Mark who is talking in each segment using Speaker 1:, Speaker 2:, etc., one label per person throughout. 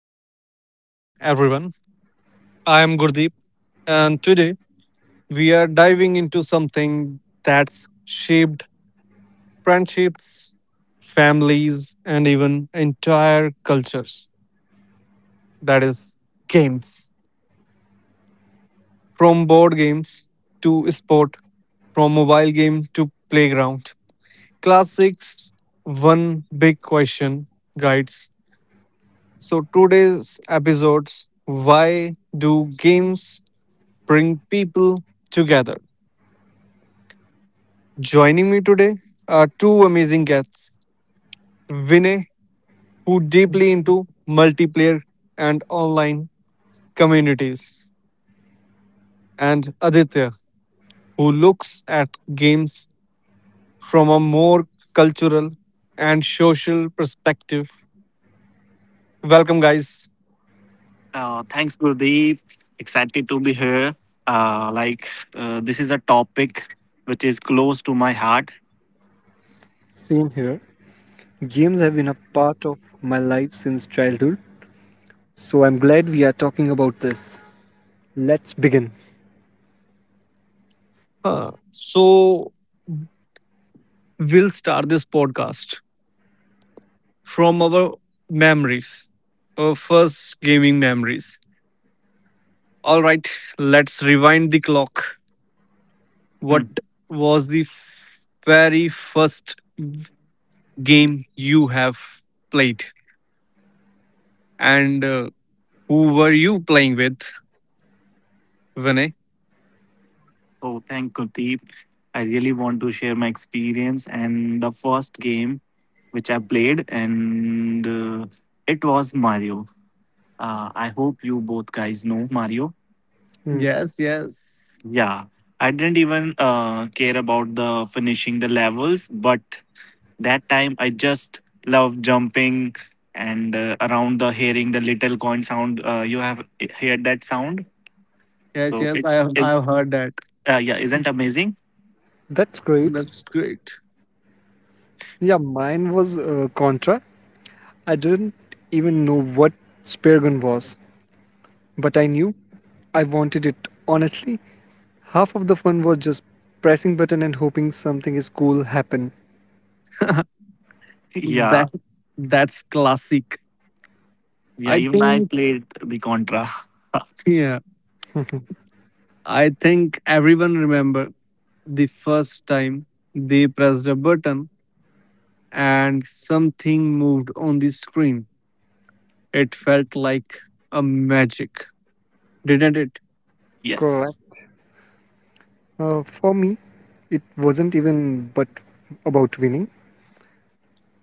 Speaker 1: to the show, everyone. I am Gurdeep, and today we are diving into something that's shaped friendships, families, and even entire cultures that is, games. From board games to sport, from mobile game to playground. Classics, one big question guides. So, today's episodes why do games bring people together. Joining me today are two amazing guests Vinay, who deeply into multiplayer and online communities, and Aditya, who looks at games from a more cultural and social perspective. Welcome, guys.
Speaker 2: Thanks, Gurdeep. Excited to be here. Uh, like, this is a topic which is close to my heart.
Speaker 3: Same here. Games have been a part of my life since childhood, so I'm glad we are talking about this. Let's begin.
Speaker 1: Uh, so, we'll start this podcast from our memories, our first gaming memories. All right, let's rewind the clock. What
Speaker 2: Hmm.
Speaker 1: was the very first game you have played, and who were you playing with, Vinay?
Speaker 2: So, thank Gurdeep. I really want to share my experience and the first game which I played, and it was Mario. I hope you both guys know Mario.
Speaker 3: Hmm.
Speaker 1: Yes, yes,
Speaker 2: Yeah. I didn't even care about the finishing the levels, but that time I just love jumping and around the hearing the little coin sound. You have heard that sound,
Speaker 1: yes,
Speaker 2: so
Speaker 1: yes. I
Speaker 2: it's,
Speaker 1: have
Speaker 2: it's
Speaker 1: I have heard that.
Speaker 2: uh, yeah, isn't amazing?
Speaker 3: That's great.
Speaker 1: That's great.
Speaker 3: Yeah, mine was Contra. I didn't even know what Spear Gun was, but I knew I wanted it honestly. Half of the fun was just pressing button and hoping something is cool happen.
Speaker 2: Yeah,
Speaker 1: that that's classic.
Speaker 2: yeah.
Speaker 1: I
Speaker 2: Even I
Speaker 1: think
Speaker 2: played the contra.
Speaker 1: yeah. I think everyone remember the first time they pressed a button and something moved on the screen. It felt like a magic, didn't it?
Speaker 3: Correct.
Speaker 2: Yes.
Speaker 3: For me, it wasn't even but about winning.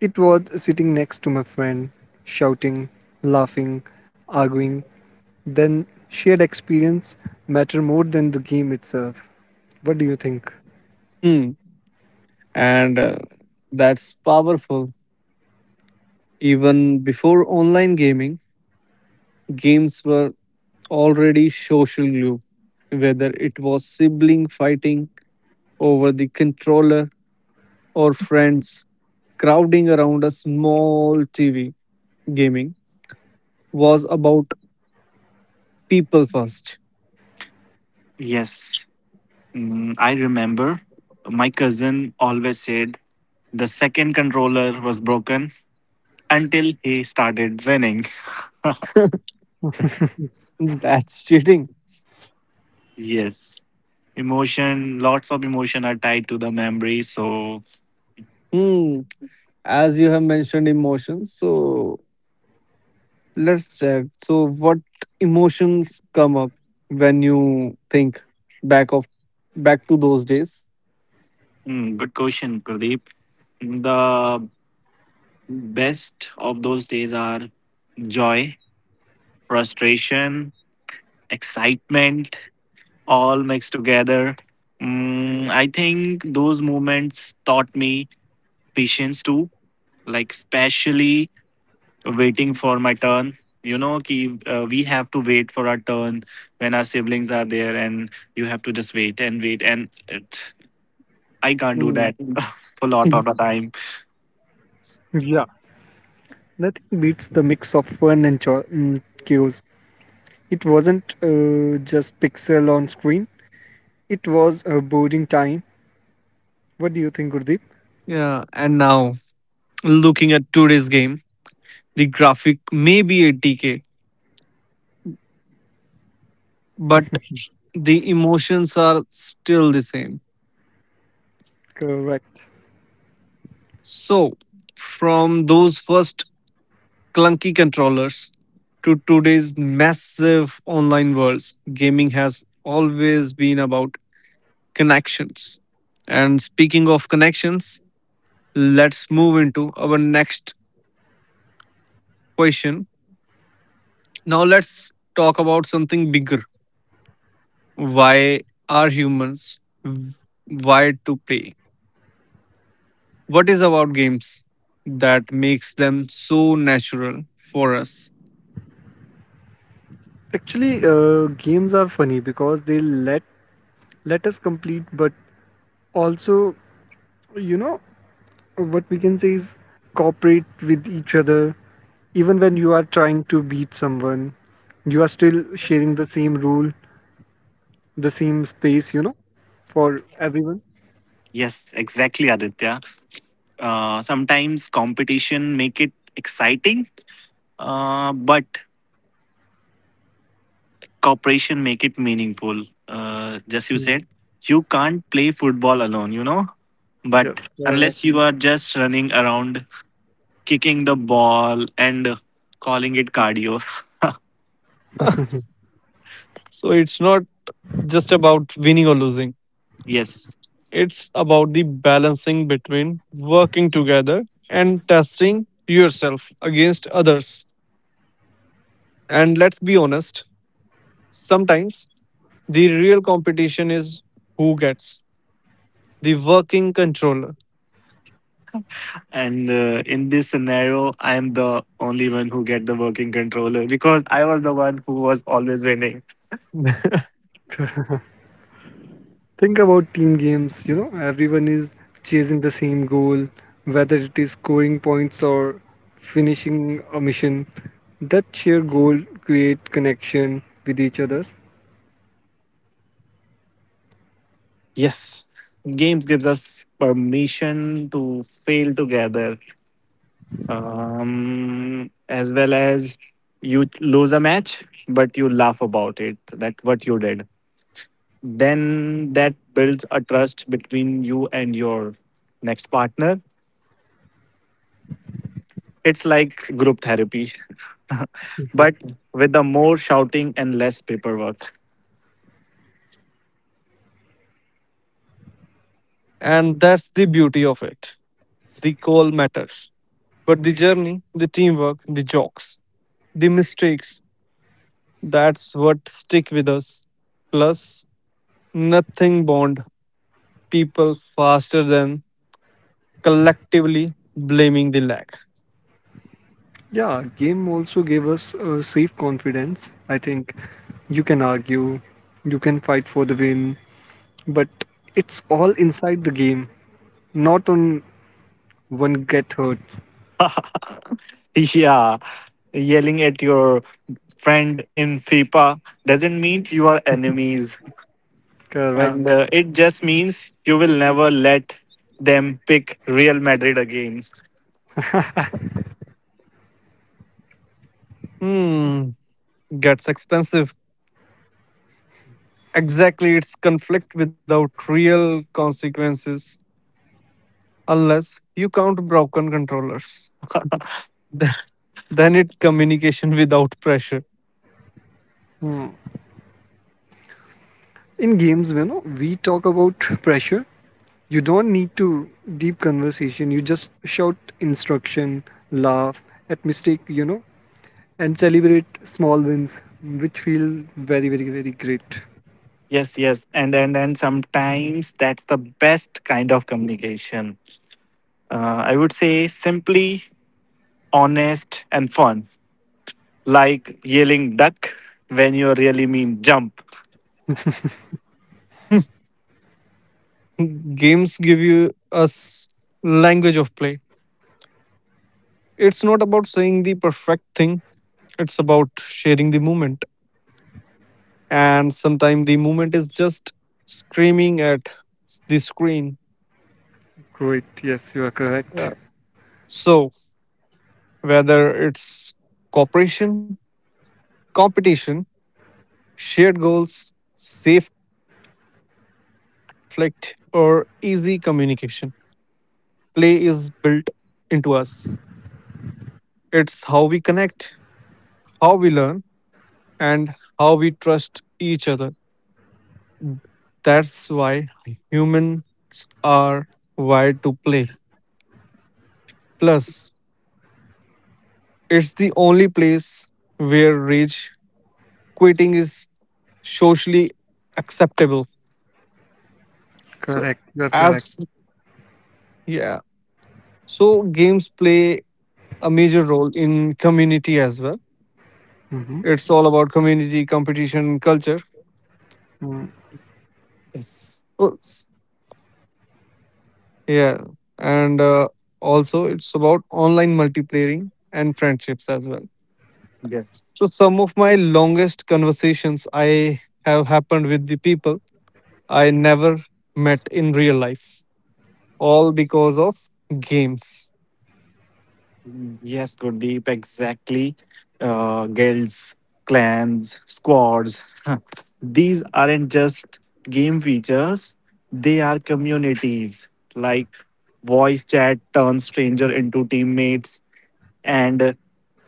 Speaker 3: It was sitting next to my friend, shouting, laughing, arguing. Then shared experience matter more than the game itself. What do you think?
Speaker 1: Hmm, and That's powerful. Even before online gaming, games were already social glue, whether it was sibling fighting over the controller or friends crowding around a small TV. Gaming was about people first.
Speaker 2: Yes. Mm, I remember my cousin always said the second controller was broken until he started running.
Speaker 1: That's cheating.
Speaker 2: Yes. Emotion, lots of emotion are tied to the memory. So,
Speaker 1: Hmm. As you have mentioned emotions, so let's check. So, what emotions come up when you think back of back to those days?
Speaker 2: mm, good question, Kuldeep. The best of those days are joy, frustration, excitement, all mixed together. Mm, I think those moments taught me patience too, like, especially waiting for my turn. You know, ki, we have to wait for our turn when our siblings are there, and you have to just wait and wait. And it, I can't do that
Speaker 1: Mm.
Speaker 2: a lot of the time.
Speaker 3: Yeah, nothing beats the mix of fun and chaos. It wasn't just pixel on screen. It was a boring time. What do you think, Gurdeep?
Speaker 1: Yeah, and now looking at today's game, the graphic may be 80K, but the emotions are still the same.
Speaker 3: Correct.
Speaker 1: So, from those first clunky controllers to today's massive online worlds, gaming has always been about connections. And speaking of connections, let's move into our next question. Now, let's talk about something bigger. Why are humans wired to play? What is about games that makes them so natural for us?
Speaker 3: Actually, games are funny because they let us complete, but also, you know, what we can say is cooperate with each other. Even when you are trying to beat someone, you are still sharing the same rule, the same space, you know, for everyone.
Speaker 2: Yes, exactly, Aditya. Sometimes competition make it exciting, but cooperation make it meaningful. Just you
Speaker 3: Yeah.
Speaker 2: said, you can't play football alone, you know. But
Speaker 3: Yes, correct.
Speaker 2: unless you are just running around, kicking the ball and calling it cardio,
Speaker 1: So, it's not just about winning or losing,
Speaker 2: yes.
Speaker 1: it's about the balancing between working together and testing yourself against others. And let's be honest, sometimes the real competition is who gets the working controller,
Speaker 2: And in this scenario, I am the only one who get the working controller because I was the one who was always winning.
Speaker 3: Think about team games, you know, everyone is chasing the same goal, whether it is scoring points or finishing a mission. That shared goal create connection with each others.
Speaker 2: Yes, games gives us permission to fail together as well as you lose a match but you laugh about it that what you did, then that builds a trust between you and your next partner. It's like group therapy, but with the more shouting and less paperwork.
Speaker 1: and that's the beauty of it. The goal matters, but the journey, the teamwork, the jokes, the mistakes that's what stick with us. Plus, nothing bond people faster than collectively blaming the lack.
Speaker 3: Yeah, game also gave us a safe confidence. I think you can argue, you can fight for the win, but it's all inside the game, not on one get hurt.
Speaker 2: Yeah, yelling at your friend in fifa doesn't mean you are enemies, and
Speaker 3: Correct.
Speaker 2: uh, it just means you will never let them pick real madrid again.
Speaker 1: Hmm, gets expensive. Exactly, it's conflict without real consequences unless you count broken controllers. Th- Then it communication without pressure.
Speaker 3: Hmm. In games, you know, we talk about pressure. You don't need to deep conversation. You just shout instruction, laugh at mistake, you know, and celebrate small wins, which feel very, very, very great.
Speaker 2: Yes, yes, and sometimes that's the best kind of communication. I would say simply honest and fun, like yelling duck when you really mean jump.
Speaker 1: Games give you us language of play. It's not about saying the perfect thing. It's about sharing the moment. And sometimes the moment is just screaming at the screen.
Speaker 3: Great. Yes, you are
Speaker 1: Yeah.
Speaker 3: correct.
Speaker 1: So whether it's cooperation, competition, shared goals, safe conflict, or easy communication, play is built into us. It's how we connect, how we learn, and how we trust each other. That's why humans are wired to play. Plus, it's the only place where rage quitting is socially acceptable. So,
Speaker 3: Correct. You're correct.
Speaker 1: as yeah, games play a major role in community as well.
Speaker 3: Hmm.
Speaker 1: It's all about community, competition, culture.
Speaker 3: Mm.
Speaker 2: Yes,
Speaker 1: So Yeah, and also it's about online multiplaying and friendships as well.
Speaker 2: yes,
Speaker 1: So some of my longest conversations I have happened with the people I never met in real life, all because of games.
Speaker 2: yes, Gurdeep, exactly. Guilds, clans, squads. These aren't just game features; they are communities. Like voice chat turns stranger into teammates and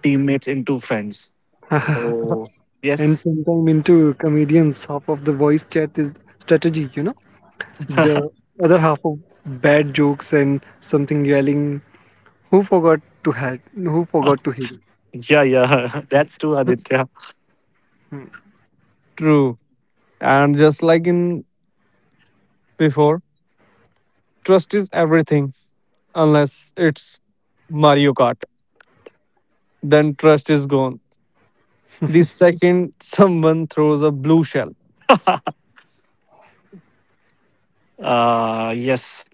Speaker 2: teammates into friends.
Speaker 1: Uh-huh.
Speaker 2: So
Speaker 3: and
Speaker 2: yes,
Speaker 3: sometime into comedians, half of the voice chat is strategy. You know, the other half of bad jokes and something yelling. Who forgot to help? Who forgot to heal?
Speaker 2: yeah, that's true, Aditya.
Speaker 3: Mm.
Speaker 1: True. And just like in before, trust is everything unless it's Mario Kart. Then trust is gone. The second someone throws a blue shell.
Speaker 2: Yes,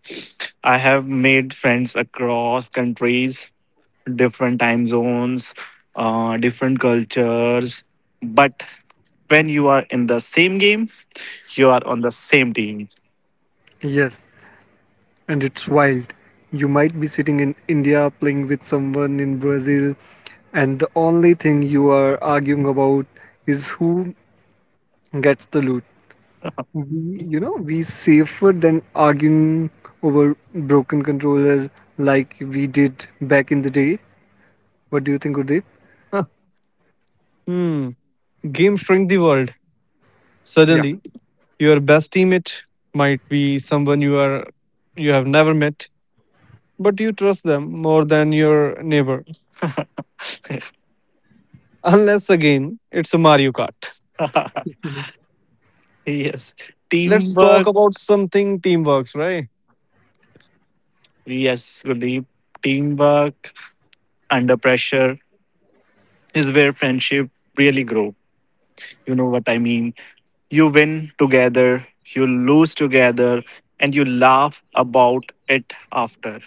Speaker 2: I have made friends across countries, different time zones, different cultures. But when you are in the same game, you are on the same team.
Speaker 3: Yes, and it's wild. You might be sitting in India playing with someone in Brazil, and the only thing you are arguing about is who gets the loot. We, you know, we safer than arguing over broken controller like we did back in the day. What do you think, Gurdeep?
Speaker 1: Hmm. Game shrink the world.
Speaker 3: Yeah.
Speaker 1: Suddenly, your best teammate might be someone you are you have never met, but you trust them more than your neighbor. Unless again, it's a Mario Kart.
Speaker 3: Mhm.
Speaker 2: Yes,
Speaker 1: Let's talk
Speaker 2: teamwork.
Speaker 1: about something teamworks, right?
Speaker 2: Yes, Guldeep, teamwork under pressure is where friendship really grow. You know what I mean? You win together, you lose together, and you laugh about it after.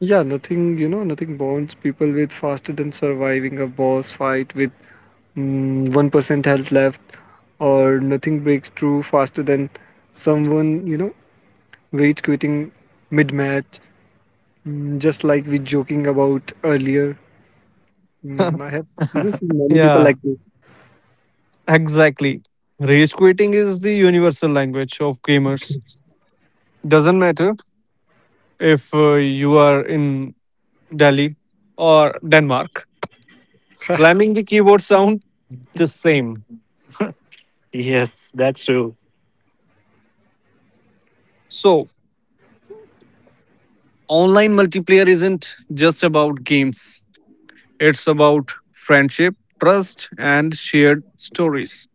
Speaker 3: Yeah, nothing, you know, nothing bonds people with faster than surviving a boss fight with 1% health left, or nothing breaks through faster than someone, you know, rage quitting mid-match, just like we joking about earlier. I have, you know, seen many people
Speaker 1: Yeah,
Speaker 3: like this.
Speaker 1: exactly. Rage quitting is the universal language of gamers. Doesn't matter if you are in Delhi or Denmark. Slamming the keyboard sound the same.
Speaker 2: Yes, that's true.
Speaker 1: So, online multiplayer isn't just about games, it's about friendship, trust, and shared stories.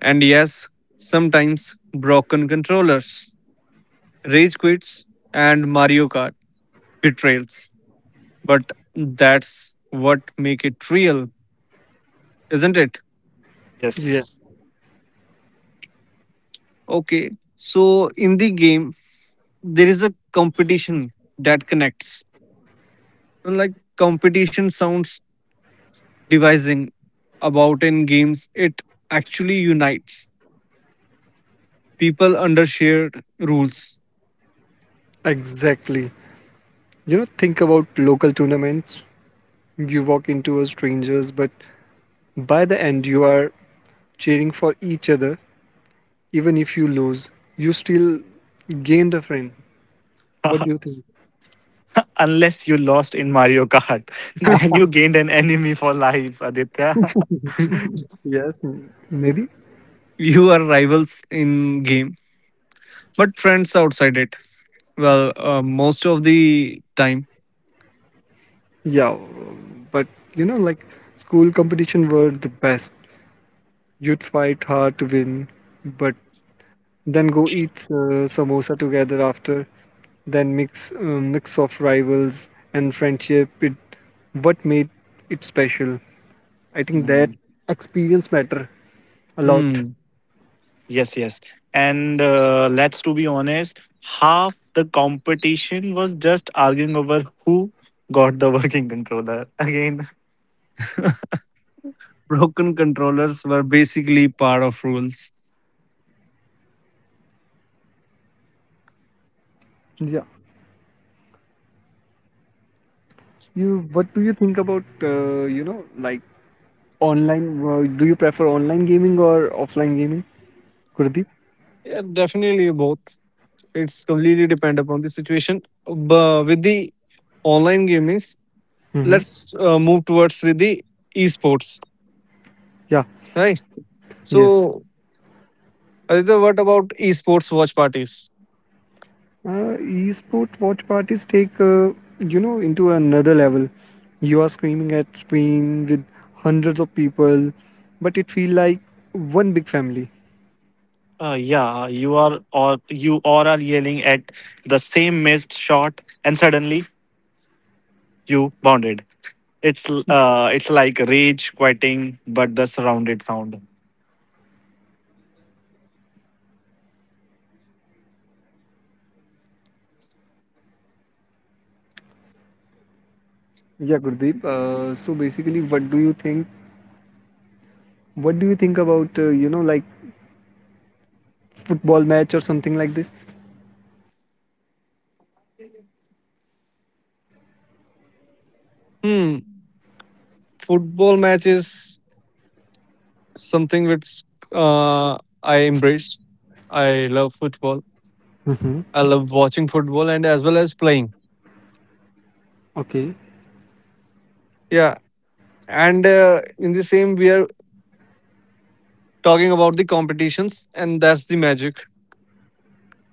Speaker 1: And yes, sometimes broken controllers, rage quits, and Mario Kart betrayals. But that's what make it real, isn't it?
Speaker 3: Yeah.
Speaker 2: Yes.
Speaker 1: Okay. So in the game, there is a competition that connects. Like competition sounds devising about in games, it actually unites people under shared rules.
Speaker 3: Exactly. You know, think about local tournaments. You walk into a stranger's, but by the end, you are cheering for each other. Even if you lose, you still gained a friend. What do you think?
Speaker 2: Unless you lost in Mario Kart, then you gained an enemy for life, Aditya.
Speaker 3: Yes, maybe.
Speaker 1: You are rivals in game, but friends outside it. Well, most of the time,
Speaker 3: Yeah, but you know, like school competition were the best. You'd fight hard to win, but then go eat samosa together after. Then mix of rivals and friendship. It what made it special. I think that
Speaker 2: Mm.
Speaker 3: experience matter a lot.
Speaker 1: hmm.
Speaker 2: Yes, yes. And let's to be honest, half the competition was just arguing over who got the working controller. Again,
Speaker 1: Broken controllers were basically part of rules.
Speaker 3: Yeah. You what do you think about you know like online? Do you prefer online gaming or offline gaming, Gurdeep?
Speaker 1: Yeah, definitely both. It's completely depend upon the situation. But with the online gaming
Speaker 3: Mm-hmm.
Speaker 1: let's move towards with the esports,
Speaker 3: Yeah.
Speaker 1: right?
Speaker 3: Yes.
Speaker 1: So, Aditya, what about esports watch parties?
Speaker 3: Esport watch parties take you know into another level. You are screaming at screen with hundreds of people, but it feel like one big family.
Speaker 2: Yeah, you are or you or are yelling at the same missed shot, and suddenly you bounded. It's like rage quitting, but the surrounded sound.
Speaker 3: Yeah, Gurdeep. So basically, what do you think? What do you think about you know like football match or something like this.
Speaker 1: Hmm, football matches something which uh, I embrace. I love football.
Speaker 3: Mm-hmm.
Speaker 1: I love watching football and as well as playing.
Speaker 3: Okay.
Speaker 1: Yeah, and in the same, we are talking about the competitions, and that's the magic.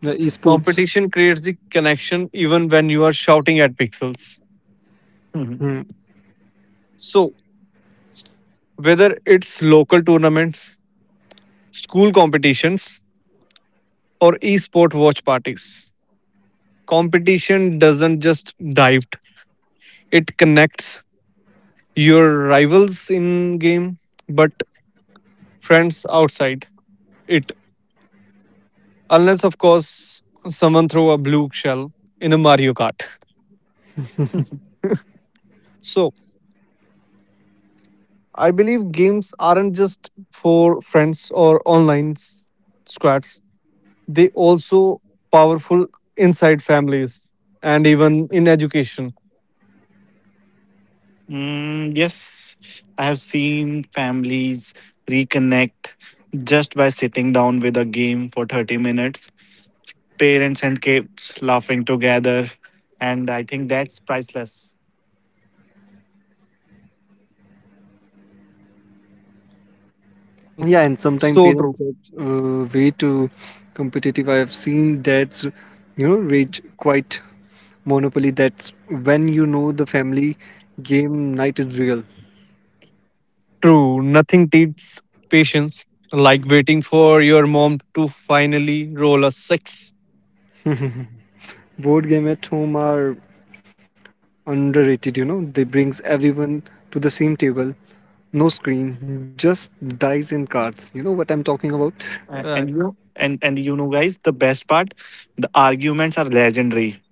Speaker 3: The esports.
Speaker 1: Competition creates the connection even when you are shouting at pixels.
Speaker 2: Mhm.
Speaker 3: Mm.
Speaker 1: So, whether it's local tournaments school competitions, or esport watch parties. Competition doesn't just dive, it connects your rivals in game, but friends outside it. Unless, of course, someone throw a blue shell in a Mario Kart. So, I believe games aren't just for friends or online squads, they also powerful inside families and even in education.
Speaker 2: Mm, yes, I have seen families reconnect just by sitting down with a game for 30 minutes. Parents and kids laughing together, and I think that's priceless.
Speaker 1: Hmm,
Speaker 3: Yeah, and sometimes
Speaker 1: so true.
Speaker 3: parents get way too competitive. I have seen dads, you know, rage quite monopoly. That's when you know the family game night is real.
Speaker 1: True, nothing teaches patience like waiting for your mom to finally roll a six.
Speaker 3: Board game at home are underrated. You know, they brings everyone to the same table. No screen, just dice and cards. You know what I'm talking about?
Speaker 1: Uh,
Speaker 2: And you and you know, guys, the best part, the arguments are legendary,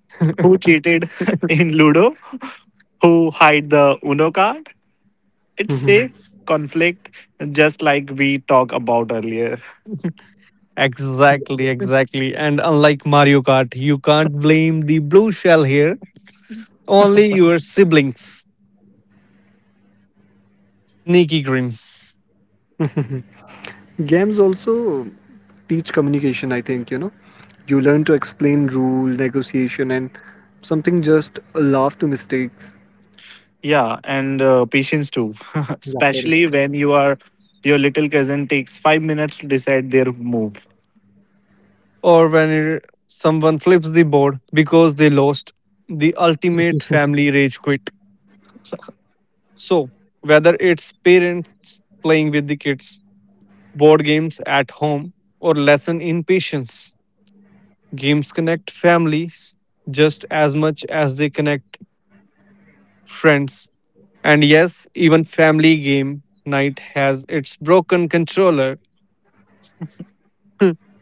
Speaker 2: who cheated in Ludo, who hide the Uno card. It's
Speaker 3: Mm-hmm.
Speaker 2: safe conflict, just like we talked about earlier.
Speaker 1: exactly, exactly. And unlike Mario Kart, you can't blame the blue shell here, only your siblings. Sneaky grin.
Speaker 3: Games also teach communication, I think, you know. You learn to explain rule, negotiation, and something just a laugh to mistakes.
Speaker 2: Yeah, and patience too,
Speaker 3: Yeah,
Speaker 2: especially
Speaker 3: correct.
Speaker 2: when your little cousin takes 5 minutes to decide their move.
Speaker 1: Or when someone flips the board because they lost, the ultimate family rage quit. So, whether it's parents playing with the kids, board games at home, or lesson in patience. Games connect families just as much as they connect friends. And yes, even family game night has its broken controller.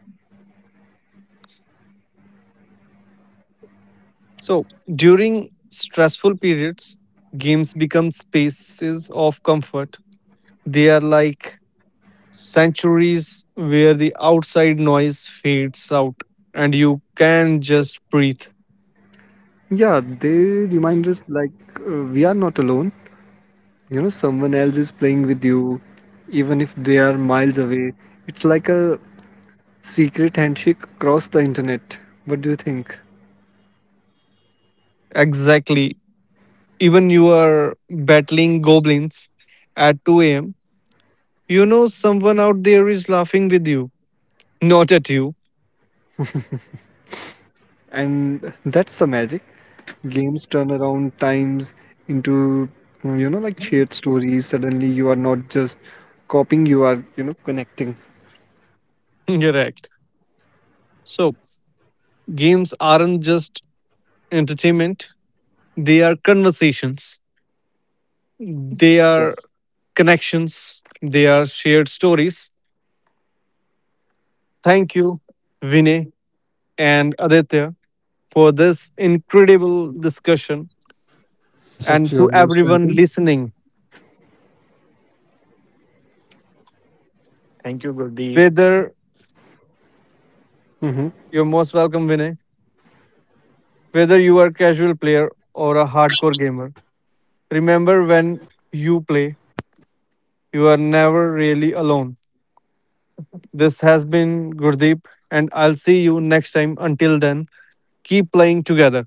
Speaker 1: So during stressful periods, games become spaces of comfort. They are like sanctuaries where the outside noise fades out and you can just breathe.
Speaker 3: Yeah, they remind us like we are not alone. You know, someone else is playing with you, even if they are miles away. It's like a secret handshake across the internet. What do you think?
Speaker 1: Exactly. Even you are battling goblins at 2 a.m. You know, someone out there is laughing with you, not at you.
Speaker 3: And that's the magic. Games turn around times into, you know, like shared stories. Suddenly you are not just copying, you are, you know, connecting.
Speaker 1: Correct. So, games aren't just entertainment, they are conversations, they are
Speaker 2: Yes,
Speaker 1: connections, they are shared stories. Thank you, Vinay and Aditya, for this incredible discussion.
Speaker 3: Such
Speaker 1: And
Speaker 3: you
Speaker 1: to
Speaker 3: almost
Speaker 1: everyone
Speaker 3: right.
Speaker 1: listening,
Speaker 2: thank you, Gurdeep.
Speaker 1: whether
Speaker 3: Hmm.
Speaker 1: you're most welcome, Vinay, whether you are a casual player or a hardcore gamer, remember when you play you are never really alone. This has been Gurdeep, and I'll see you next time. Until then, keep playing together.